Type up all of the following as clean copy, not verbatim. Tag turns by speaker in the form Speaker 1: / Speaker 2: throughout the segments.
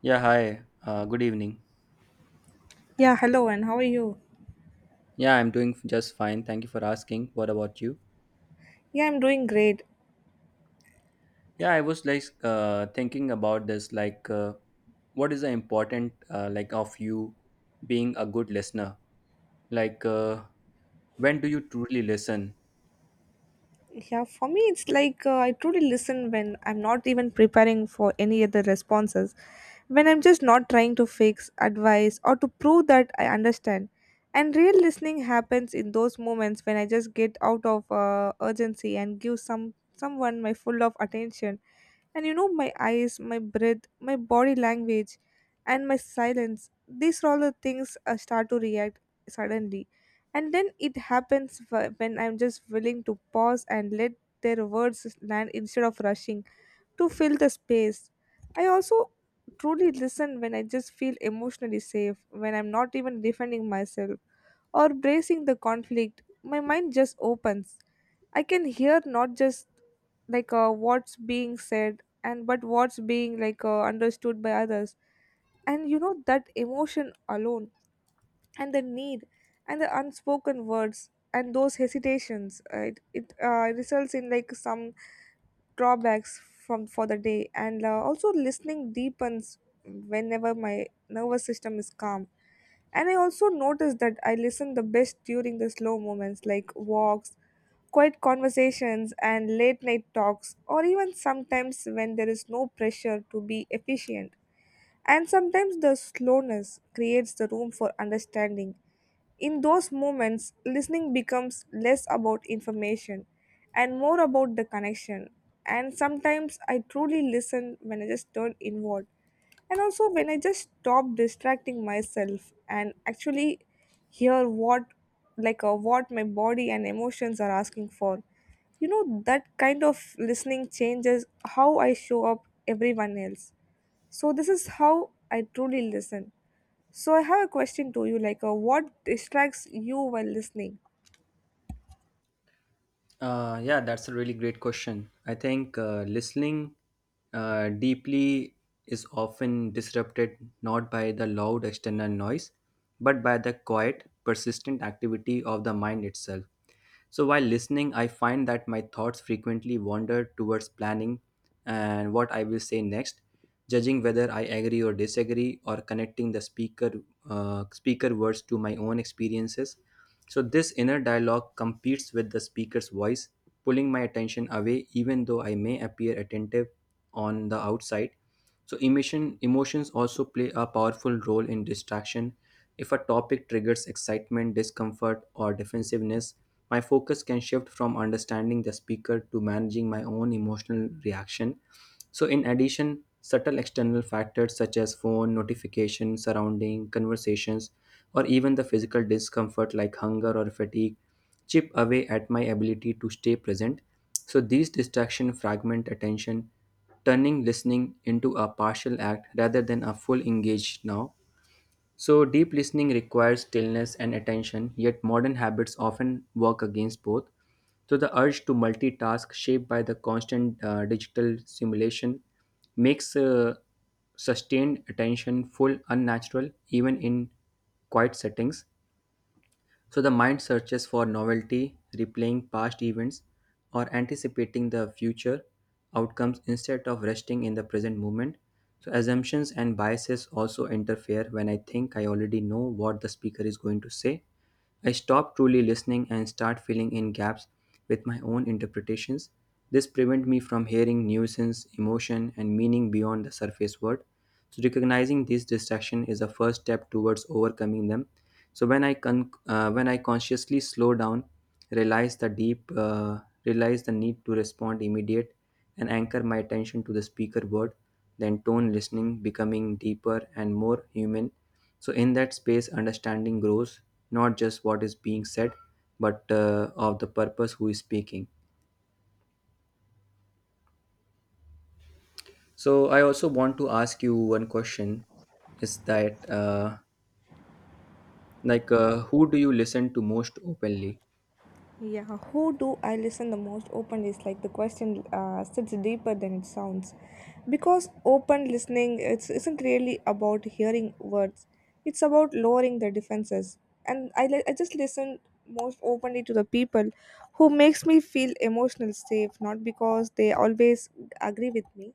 Speaker 1: Yeah, hi. Good evening.
Speaker 2: Yeah, hello, and how are you?
Speaker 1: Yeah, I'm doing just fine. Thank you for asking. What about you?
Speaker 2: Yeah, I'm doing great.
Speaker 1: Yeah, I was thinking about this, what is the important, of you being a good listener? Like, uh, when do you truly listen?
Speaker 2: Yeah, for me, it's I truly listen when I'm not even preparing for any other responses, when I'm just not trying to fix, advise, or to prove that I understand. And real listening happens in those moments when I just get out of urgency and give someone my full of attention. And you know, my eyes, my breath, my body language, and my silence, these are all the things I start to react suddenly, and then it happens when I'm just willing to pause and let their words land instead of rushing to fill the space. I also truly listen when I just feel emotionally safe, when I'm not even defending myself or bracing the conflict. My mind just opens. I can hear not just what's being said, and but what's being understood by others. And you know, that emotion alone, and the need, and the unspoken words, and those hesitations, it results in like some drawbacks from for the day. And also listening deepens whenever my nervous system is calm. And I also notice that I listen the best during the slow moments, like walks, quiet conversations, and late night talks, or even sometimes when there is no pressure to be efficient. And sometimes the slowness creates the room for understanding. In those moments, listening becomes less about information and more about the connection. And sometimes I truly listen when I just turn inward, and also when I just stop distracting myself and actually hear what my body and emotions are asking for. You know, that kind of listening changes how I show up everyone else. So this is how I truly listen. So I have a question to you, what distracts you while listening?
Speaker 1: Yeah, that's a really great question. I think listening deeply is often disrupted not by the loud external noise, but by the quiet, persistent activity of the mind itself. So while listening, I find that my thoughts frequently wander towards planning and what I will say next, judging whether I agree or disagree, or connecting the speaker words to my own experiences. So this inner dialogue competes with the speaker's voice, pulling my attention away, even though I may appear attentive on the outside. So, emotions also play a powerful role in distraction. If a topic triggers excitement, discomfort, or defensiveness, my focus can shift from understanding the speaker to managing my own emotional reaction. So, in addition, subtle external factors such as phone, notifications, surrounding, conversations, or even the physical discomfort like hunger or fatigue chip away at my ability to stay present. So, these distractions fragment attention, turning listening into a partial act rather than a full engage now. So, deep listening requires stillness and attention, yet modern habits often work against both. So, the urge to multitask, shaped by the constant digital simulation, makes sustained attention full unnatural, even in quiet settings. So the mind searches for novelty, replaying past events, or anticipating the future outcomes instead of resting in the present moment. So assumptions and biases also interfere when I think I already know what the speaker is going to say. I stop truly listening and start filling in gaps with my own interpretations. This prevents me from hearing nuisance, emotion, and meaning beyond the surface word. So recognizing these distractions is a first step towards overcoming them. So when I con- when I consciously slow down, realize the deep, uh, realize the need to respond immediate, and anchor my attention to the speaker word, then tone listening becoming deeper and more human. So in that space, understanding grows not just what is being said, but of the purpose who is speaking. So I also want to ask you one question: is that who do you listen to most openly?
Speaker 2: Yeah, who do I listen the most openly is like the question sits deeper than it sounds. Because open listening isn't really about hearing words. It's about lowering the defenses. And I just listen most openly to the people who makes me feel emotional safe, not because they always agree with me,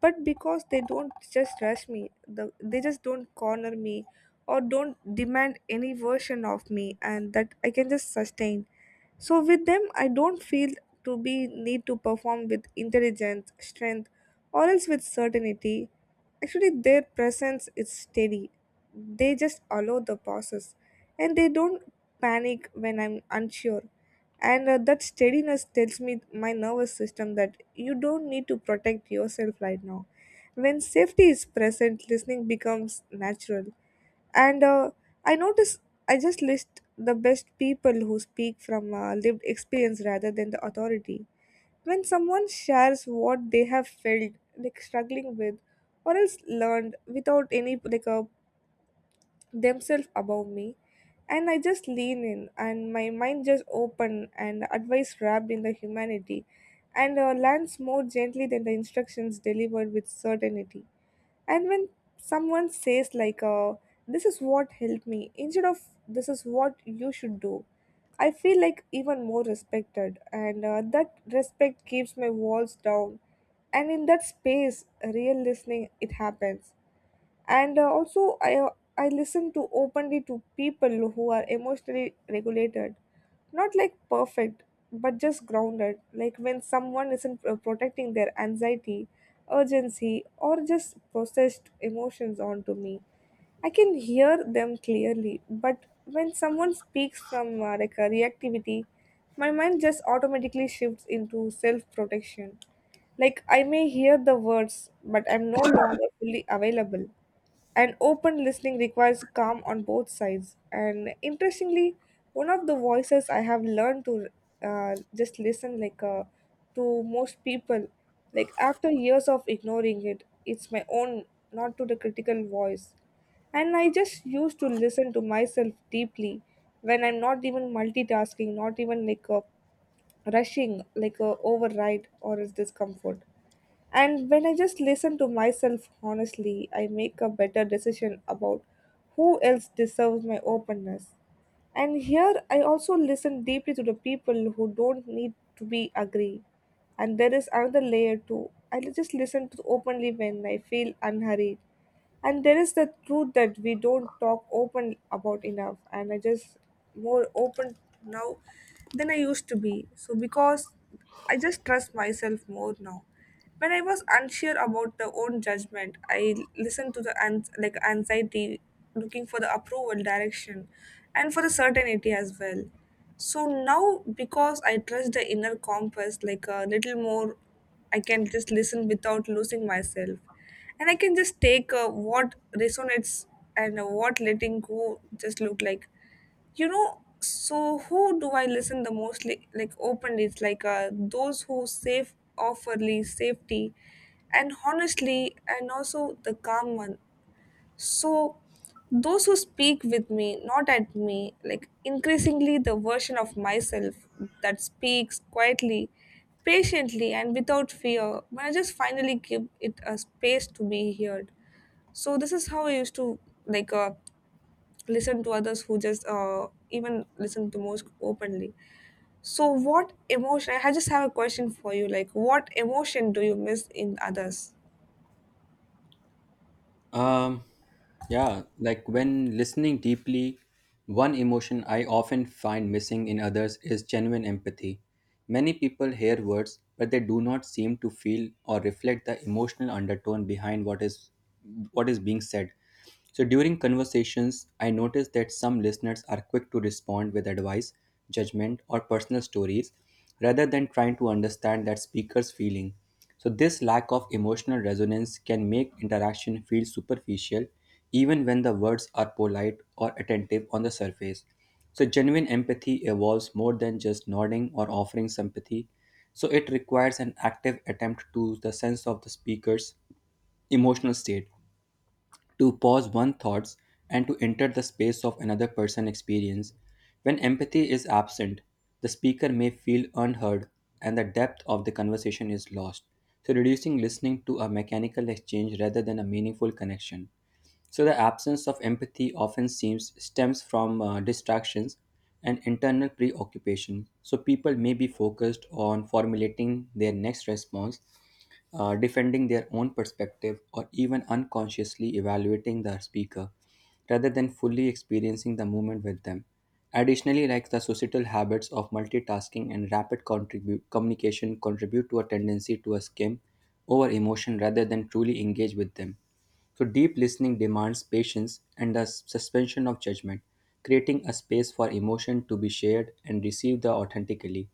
Speaker 2: but because they don't just rush they just don't corner me or don't demand any version of me, and that I can just sustain. So with them, I don't feel to be need to perform with intelligence, strength, or else with certainty. Actually, their presence is steady. They just allow the process, and they don't panic when I'm unsure. And that steadiness tells me my nervous system that you don't need to protect yourself right now. When safety is present, listening becomes natural. And I notice I just list the best people who speak from lived experience rather than the authority. When someone shares what they have felt, like struggling with, or else learned without any like a themselves above me, and I just lean in, and my mind just open, and advice wrapped in the humanity and lands more gently than the instructions delivered with certainty. And when someone says this is what helped me instead of this is what you should do, I feel like even more respected, and that respect keeps my walls down. And in that space, real listening it happens. And also I I listen to openly to people who are emotionally regulated, not like perfect, but just grounded. Like when someone isn't protecting their anxiety, urgency, or just processed emotions onto me, I can hear them clearly. But when someone speaks from like a reactivity, my mind just automatically shifts into self protection. Like I may hear the words, but I'm no longer fully available, and open listening requires calm on both sides. And interestingly, one of the voices I have learned to just listen to most people, like after years of ignoring it, it's my own, not to the critical voice. And I just used to listen to myself deeply when I'm not even multitasking, not even rushing, override or is discomfort. And when I just listen to myself honestly, I make a better decision about who else deserves my openness. And here I also listen deeply to the people who don't need to be agree. And there is another layer too. Just listen to openly when I feel unhurried. And there is the truth that we don't talk open about enough. And I just more open now than I used to be. So because I just trust myself more now. When I was unsure about the own judgment, I listened to the like anxiety, looking for the approval, direction, and for the certainty as well. So now, because I trust the inner compass like a little more, I can just listen without losing myself, and I can just take what resonates and what letting go just look like. You know, so who do I listen the most like openly, it's those who safe offerly safety and honestly, and also the calm one. So those who speak with me, not at me, like increasingly the version of myself that speaks quietly, patiently, and without fear, when I just finally give it a space to be heard. So this is how I used to like uh, listen to others who just even listen to most openly. So what emotion I just have a question for you, like what emotion do you miss in others?
Speaker 1: Um, yeah, like when listening deeply, one emotion I often find missing in others is genuine empathy. Many people hear words, but they do not seem to feel or reflect the emotional undertone behind what is being said. So during conversations, I notice that some listeners are quick to respond with advice, judgment, or personal stories rather than trying to understand that speaker's feeling. So this lack of emotional resonance can make interaction feel superficial even when the words are polite or attentive on the surface. So genuine empathy evolves more than just nodding or offering sympathy. So it requires an active attempt to the sense of the speaker's emotional state, to pause one's thoughts, and to enter the space of another person's experience. When empathy is absent, the speaker may feel unheard and the depth of the conversation is lost, so reducing listening to a mechanical exchange rather than a meaningful connection. So the absence of empathy often seems stems from distractions and internal preoccupation. So people may be focused on formulating their next response, defending their own perspective, or even unconsciously evaluating the speaker rather than fully experiencing the moment with them. Additionally, like the societal habits of multitasking and rapid communication contribute to a tendency to a skim over emotion rather than truly engage with them. So, deep listening demands patience and the suspension of judgment, creating a space for emotion to be shared and received authentically.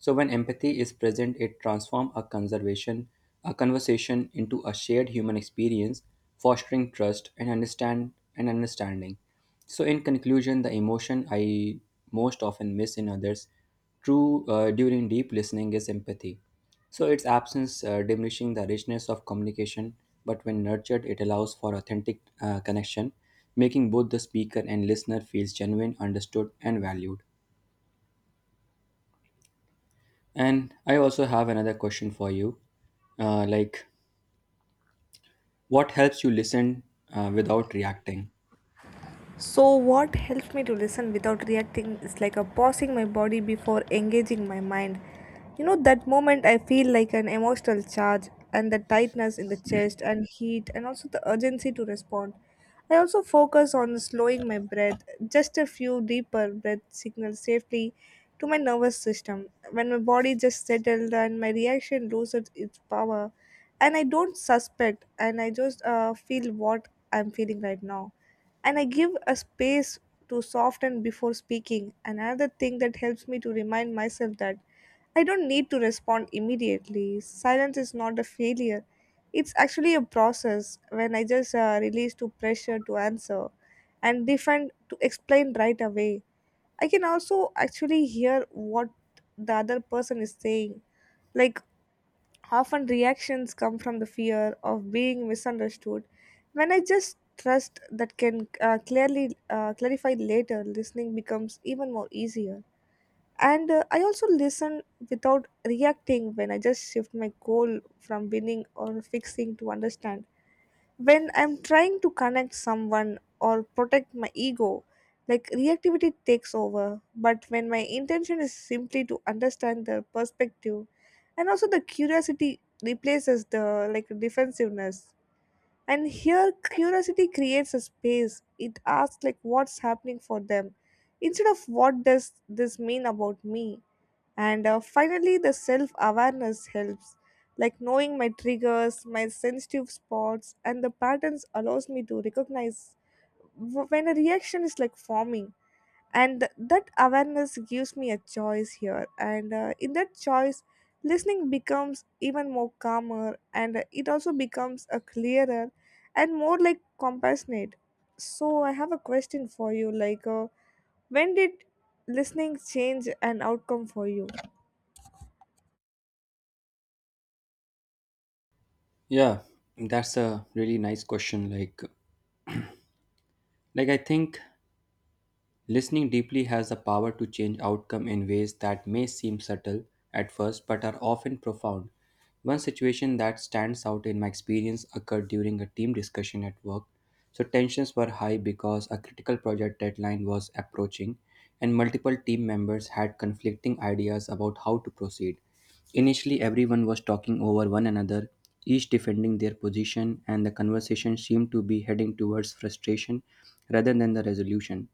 Speaker 1: So, when empathy is present, it transforms a conversation into a shared human experience, fostering trust and understanding. So, in conclusion, the emotion I most often miss in others true, during deep listening is empathy. So, its absence diminishing the richness of communication, but when nurtured, it allows for authentic connection, making both the speaker and listener feels genuine, understood, and valued. And I also have another question for you, uh, like what helps you listen without reacting?
Speaker 2: So, what helps me to listen without reacting is like a pausing my body before engaging my mind. You know, that moment I feel like an emotional charge, and the tightness in the chest, and heat, and also the urgency to respond. I also focus on slowing my breath, just a few deeper breath signals safely to my nervous system. When my body just settled and my reaction loses its power, and I don't suspect, and I just feel what I'm feeling right now, and I give a space to soften before speaking. Another thing that helps me to remind myself that I don't need to respond immediately. Silence is not a failure. It's actually a process when I just release to pressure to answer and defend to explain right away. I can also actually hear what the other person is saying. Like, often reactions come from the fear of being misunderstood. When I just trust that can clearly clarify later, listening becomes even more easier. And I also listen without reacting when I just shift my goal from winning or fixing to understand. When I'm trying to connect someone or protect my ego, like reactivity takes over. But when my intention is simply to understand their perspective, and also the curiosity replaces the like defensiveness. And here, curiosity creates a space. It asks like what's happening for them, instead of what does this mean about me. And finally, the self awareness helps. Like knowing my triggers, my sensitive spots, and the patterns allows me to recognize when a reaction is like forming. And that awareness gives me a choice here. And in that choice, listening becomes even more calmer, and it also becomes a clearer and more like compassionate. So, I have a question for you, when did listening change an outcome for you?
Speaker 1: Yeah, that's a really nice question. I think listening deeply has the power to change outcome in ways that may seem subtle at first but are often profound. One situation that stands out in my experience occurred during a team discussion at work. So tensions were high because a critical project deadline was approaching and multiple team members had conflicting ideas about how to proceed. Initially, everyone was talking over one another, each defending their position, and the conversation seemed to be heading towards frustration rather than the resolution.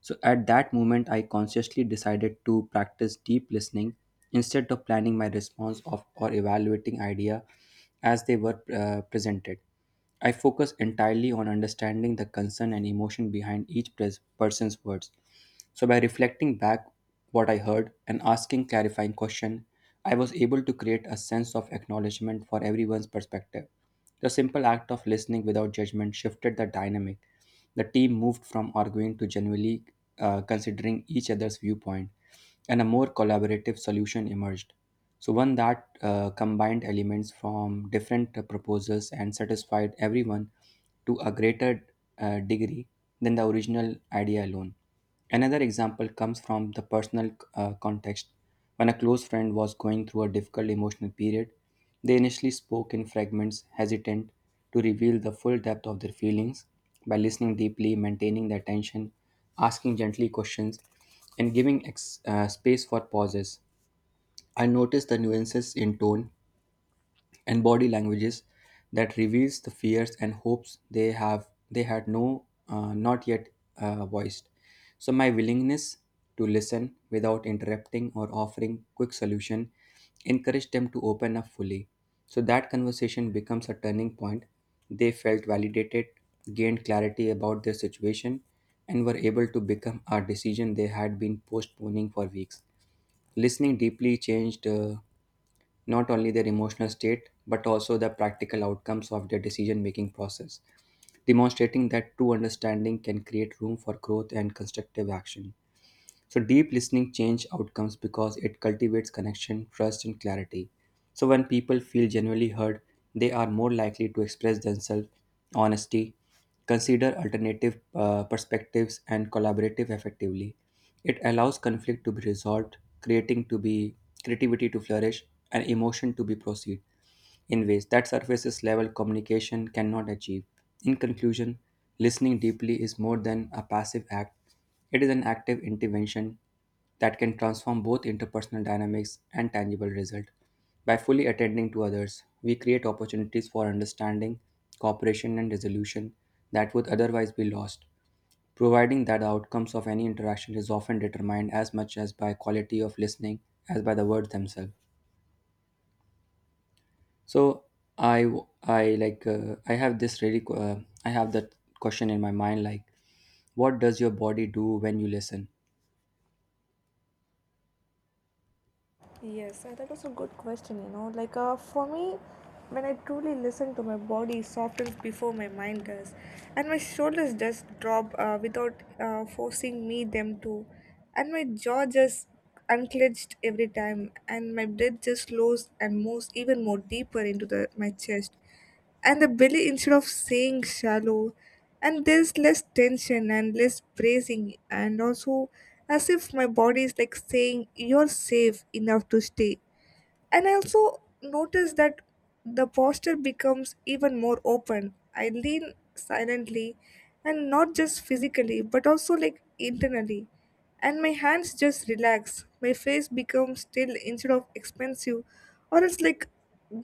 Speaker 1: So at that moment, I consciously decided to practice deep listening instead of planning my response of or evaluating idea as they were presented. I focus entirely on understanding the concern and emotion behind each person's words. So by reflecting back what I heard and asking clarifying questions, I was able to create a sense of acknowledgement for everyone's perspective. The simple act of listening without judgment shifted the dynamic. The team moved from arguing to genuinely considering each other's viewpoint, and a more collaborative solution emerged. So, one that combined elements from different proposals and satisfied everyone to a greater degree than the original idea alone. Another example comes from the personal context. When a close friend was going through a difficult emotional period, they initially spoke in fragments, hesitant to reveal the full depth of their feelings. By listening deeply, maintaining their attention, asking gently questions, and giving space for pauses, I noticed the nuances in tone and body languages that reveals the fears and hopes they had no not yet voiced. So my willingness to listen without interrupting or offering quick solution encouraged them to open up fully, so that conversation becomes a turning point. They felt validated, gained clarity about their situation, and were able to become a decision they had been postponing for weeks. Listening deeply changed not only their emotional state but also the practical outcomes of their decision making process, demonstrating that true understanding can create room for growth and constructive action. So deep listening change outcomes because it cultivates connection, trust and clarity. So when people feel genuinely heard, they are more likely to express themselves honesty, consider alternative perspectives and collaborative effectively. It allows conflict to be resolved, creating to be creativity to flourish and emotion to be proceed in ways that surface level communication cannot achieve. In conclusion, listening deeply is more than a passive act, it is an active intervention that can transform both interpersonal dynamics and tangible result. By fully attending to others, we create opportunities for understanding, cooperation, and resolution that would otherwise be lost, providing that the outcomes of any interaction is often determined as much as by quality of listening as by the words themselves. So I w- I like I have this really qu- I have that question in my mind like, what does your body do when you listen?
Speaker 2: Yes, that was a good question. You know, for me, when I truly listen to my body softens before my mind does, and my shoulders just drop without forcing me them to, and my jaw just unclenched every time, and my breath just slows and moves even more deeper into the my chest, and the belly instead of saying shallow. And there's less tension and less bracing, and also as if my body is like saying you're safe enough to stay. And I also notice that the posture becomes even more open. I lean silently, and not just physically but also like internally. And my hands just relax. My face becomes still instead of expensive, or it's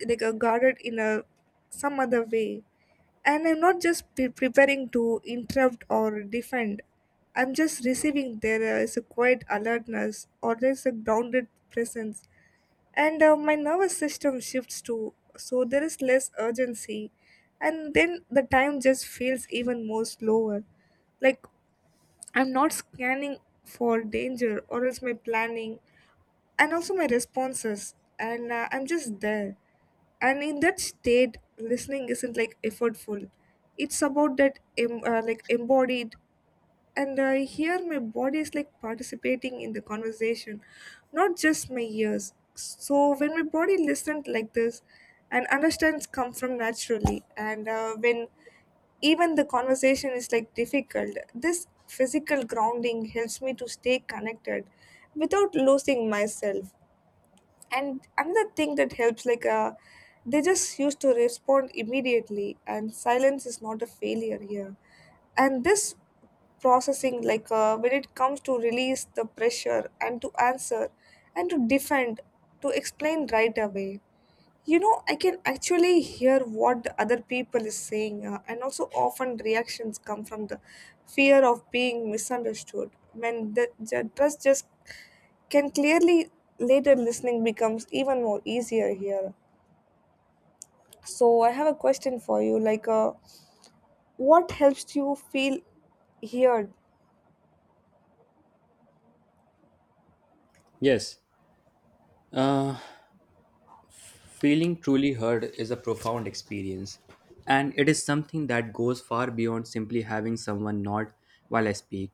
Speaker 2: like a guarded in a some other way. And I'm not just preparing to interrupt or defend. I'm just receiving. There is a quiet alertness, or there's a grounded presence. And my nervous system shifts too, so there is less urgency, and then the time just feels even more slower. Like I'm not scanning for danger or else my planning and also my responses, and I'm just there. And in that state, listening isn't like effortful. It's about that like embodied. And I hear my body is like participating in the conversation, not just my ears. So when my body listens like this, and understands come from naturally, and when even the conversation is like difficult, this physical grounding helps me to stay connected without losing myself. And another thing that helps like they just used to respond immediately, and silence is not a failure here. And this processing like when it comes to release the pressure and to answer and to defend, to explain right away, you know I can actually hear what the other people is saying, and also often reactions come from the fear of being misunderstood when the trust just can clearly later listening becomes even more easier here. So I have a question for you, like, what helps you feel heard?
Speaker 1: Yes, Uh, feeling truly heard is a profound experience, and it is something that goes far beyond simply having someone nod while I speak.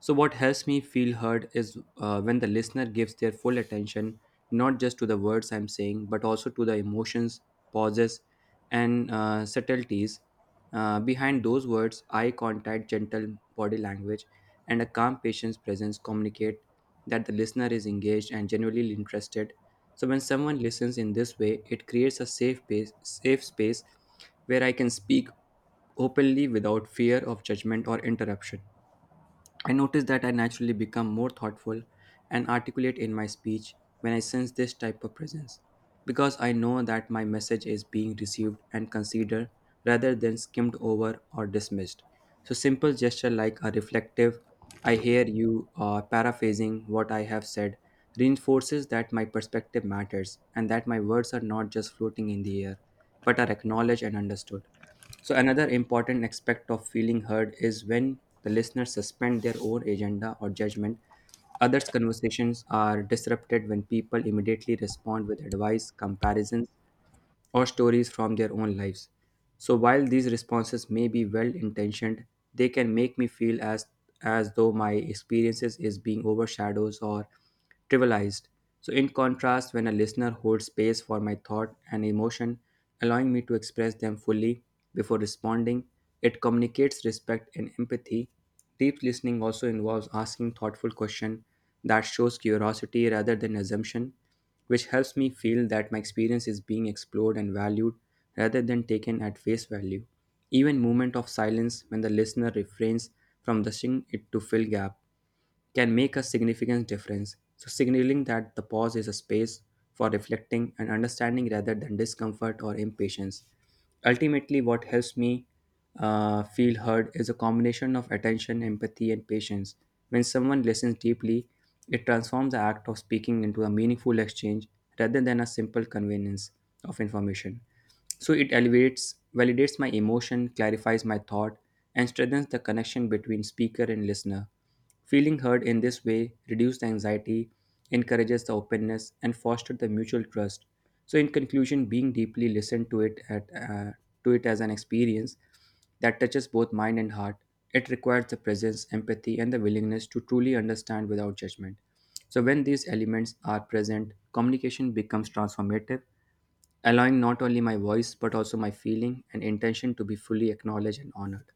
Speaker 1: So, what helps me feel heard is when the listener gives their full attention not just to the words I'm saying, but also to the emotions, pauses, and subtleties behind those words, eye contact, gentle body language, and a calm patient's presence communicate that the listener is engaged and genuinely interested. So when someone listens in this way, it creates a safe space where I can speak openly without fear of judgment or interruption. I notice that I naturally become more thoughtful and articulate in my speech when I sense this type of presence, because I know that my message is being received and considered rather than skimmed over or dismissed. So, simple gesture like a reflective, I hear you paraphrasing what I have said, reinforces that my perspective matters and that my words are not just floating in the air, but are acknowledged and understood. So another important aspect of feeling heard is when the listeners suspend their own agenda or judgment. Others' conversations are disrupted when people immediately respond with advice, comparisons, or stories from their own lives. So while these responses may be well intentioned, they can make me feel as though my experiences is being overshadowed or trivialized. So in contrast, when a listener holds space for my thought and emotion, allowing me to express them fully before responding, it communicates respect and empathy. Deep listening also involves asking thoughtful questions that shows curiosity rather than assumption, which helps me feel that my experience is being explored and valued rather than taken at face value. Even moment of silence when the listener refrains from rushing it to fill gap can make a significant difference, so signaling that the pause is a space for reflecting and understanding rather than discomfort or impatience. Ultimately, what helps me feel heard is a combination of attention, empathy, and patience. When someone listens deeply, it transforms the act of speaking into a meaningful exchange rather than a simple conveyance of information. So it elevates, validates my emotion, clarifies my thought, and strengthens the connection between speaker and listener. Feeling heard in this way reduces the anxiety, encourages the openness, and fosters the mutual trust. So, in conclusion, being deeply listened to it at to it as an experience that touches both mind and heart. It requires the presence, empathy, and the willingness to truly understand without judgment. So, when these elements are present, communication becomes transformative, allowing not only my voice but also my feeling and intention to be fully acknowledged and honored.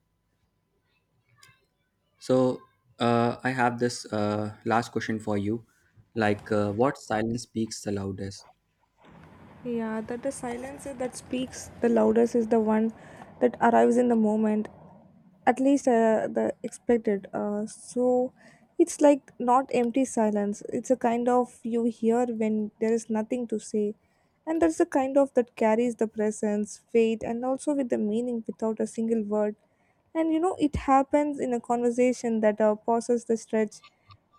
Speaker 1: So I have this last question for you, like what silence speaks the loudest?
Speaker 2: Yeah, that the silence is that speaks the loudest is the one that arrives in the moment at least the expected. So it's like not empty silence, it's a kind of you hear when there is nothing to say, and that's the kind of that carries the presence weight and also with the meaning without a single word. And you know it happens in a conversation that passes the stretch,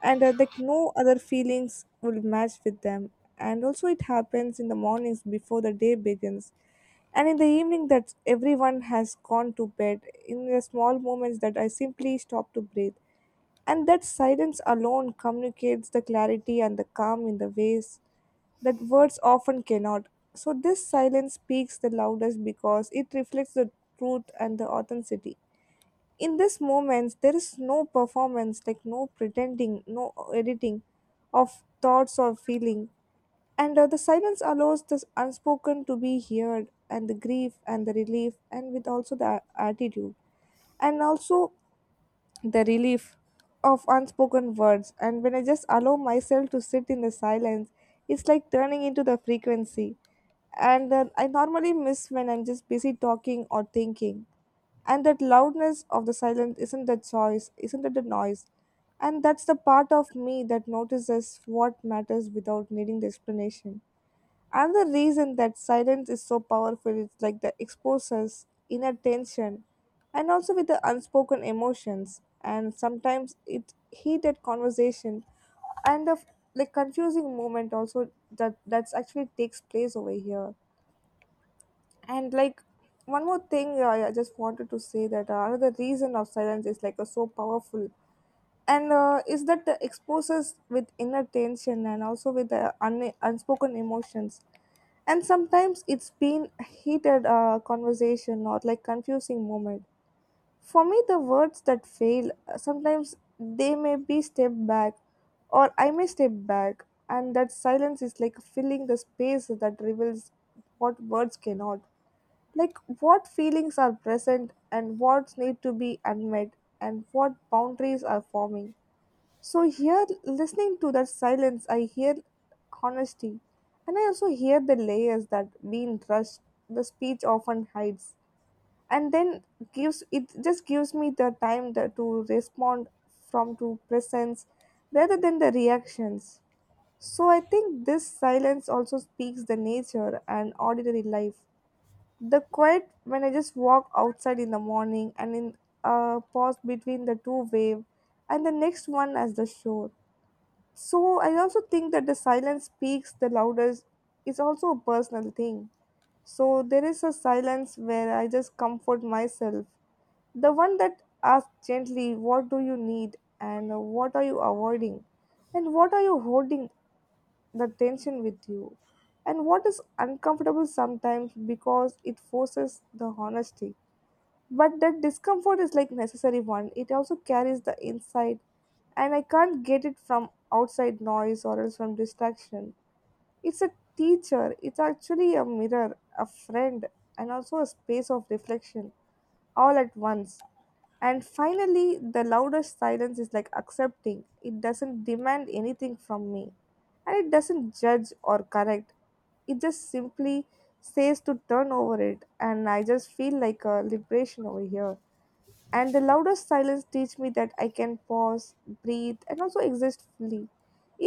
Speaker 2: and like no other feelings will match with them. And also it happens in the mornings before the day begins, and in the evening that everyone has gone to bed, in the small moments that I simply stop to breathe. And that silence alone communicates the clarity and the calm in the ways that words often cannot. So this silence speaks the loudest because it reflects the truth and the authenticity. In this moments there is no performance, like no pretending, no editing of thoughts or feeling, and the silence allows this unspoken to be heard, and the grief and the relief, and with also the attitude, and also the relief of unspoken words. And when I just allow myself to sit in the silence, it's like turning into the frequency, and then I normally miss when I'm just busy talking or thinking. And that loudness of the silence isn't the choice, isn't it the noise, and that's the part of me that notices what matters without needing the explanation. And the reason that silence is so powerful is like that exposes inner tension, and also with the unspoken emotions, and sometimes it heated conversation and the like confusing moment also that that's actually takes place over here. And like one more thing, I just wanted to say that another reason of silence is like so powerful, and is that the exposes with inner tension, and also with the unspoken emotions, and sometimes it's been a heated conversation, not like confusing moment. For me, the words that fail, sometimes they may be step back, or I may step back, and that silence is like filling the space that reveals what words cannot. Like what feelings are present, and what need to be unmet, and what boundaries are forming. So here, listening to that silence, I hear honesty, and I also hear the layers that being rushed, the speech often hides, and then gives it just gives me the time that to respond from to presence rather than the reactions. So I think this silence also speaks the nature and ordinary life. The quiet when I just walk outside in the morning, and in a pause between the two wave and the next one as the shore. So I also think that the silence speaks the loudest is also a personal thing. So there is a silence where I just comfort myself. The one that asks gently, "What do you need?" and "What are you avoiding? And what are you holding the tension with you? And what is uncomfortable?" Sometimes because it forces the honesty. But that discomfort is like necessary one. It also carries the inside, and I can't get it from outside noise or else from distraction. It's a teacher, it's actually a mirror, a friend, and also a space of reflection all at once. And finally, the loudest silence is like accepting. It doesn't demand anything from me, and it doesn't judge or correct. It just simply says to turn over it, and I just feel like a liberation over here. And the loudest silence teach me that I can pause, breathe, and also exist fully,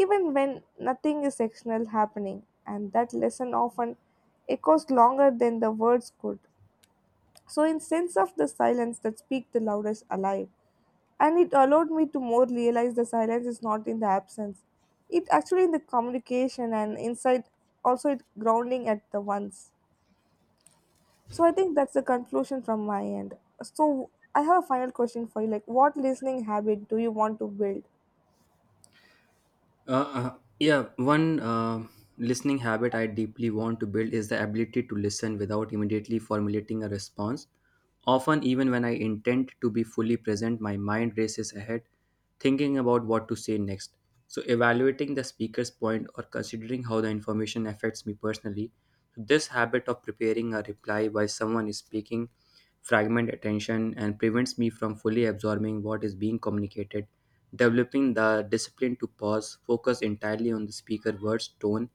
Speaker 2: even when nothing is external happening, and that lesson often echoes longer than the words could. So in sense of the silence that speak the loudest alive, and it allowed me to more realize the silence is not in the absence, it actually in the communication and inside, also it grounding at the once. So I think that's the conclusion from my end. So I have a final question for you. Like, what listening habit do you want to build?
Speaker 1: Yeah, one listening habit I deeply want to build is the ability to listen without immediately formulating a response. Often, even when I intend to be fully present, my mind races ahead, thinking about what to say next. So, evaluating the speaker's point or considering how the information affects me personally. So, this habit of preparing a reply while someone is speaking fragment attention and prevents me from fully absorbing what is being communicated. Developing the discipline to pause, focus entirely on the speaker's words, tone,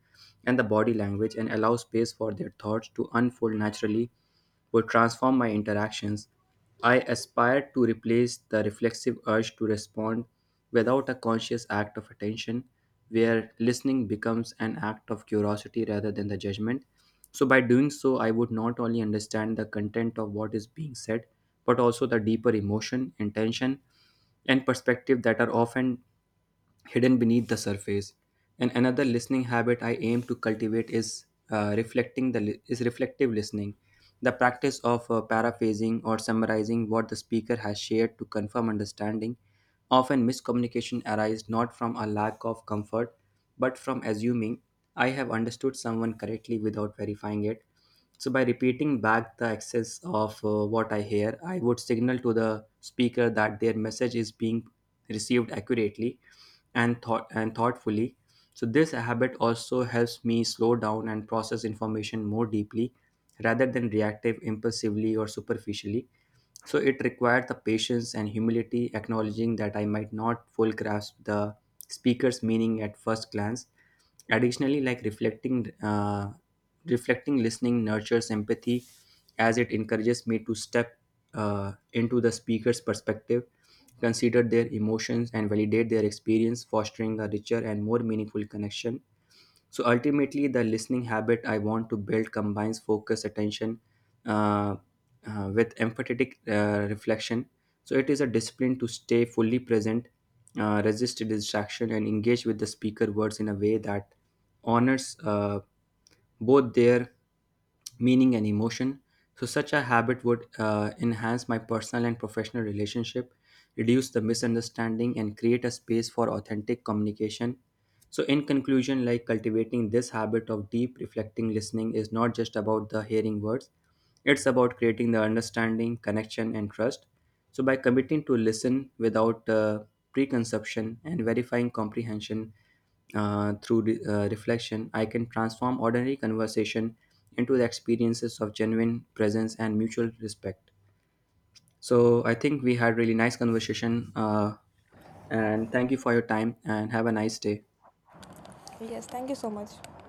Speaker 1: and the body language, and allow space for their thoughts to unfold naturally would transform my interactions. I aspire to replace the reflexive urge to respond without a conscious act of attention, where listening becomes an act of curiosity rather than the judgment. So, by doing so, I would not only understand the content of what is being said, but also the deeper emotion, intention, and perspective that are often hidden beneath the surface. And another listening habit I aim to cultivate is is reflective listening, the practice of paraphrasing or summarizing what the speaker has shared to confirm understanding. Often miscommunication arises not from a lack of comfort, but from assuming I have understood someone correctly without verifying it. So, by repeating back the excess of what I hear, I would signal to the speaker that their message is being received accurately and thoughtfully. So this habit also helps me slow down and process information more deeply rather than reactive impulsively or superficially, so it required the patience and humility, acknowledging that I might not full grasp the speaker's meaning at first glance. Additionally, like reflecting listening nurtures empathy, as it encourages me to step into the speaker's perspective, consider their emotions, and validate their experience, fostering a richer and more meaningful connection. So ultimately, the listening habit I want to build combines focus, attention, uh, with empathetic reflection. So it is a discipline to stay fully present, resist distraction, and engage with the speaker words in a way that honors both their meaning and emotion. So such a habit would enhance my personal and professional relationship, reduce the misunderstanding, and create a space for authentic communication. So, in conclusion, like cultivating this habit of deep reflecting listening is not just about the hearing words, it's about creating the understanding, connection, and trust. So, by committing to listen without preconception and verifying comprehension through reflection, I can transform ordinary conversation into the experiences of genuine presence and mutual respect. So, I think we had really nice conversation, and thank you for your time, and have a nice day.
Speaker 2: Yes, thank you so much.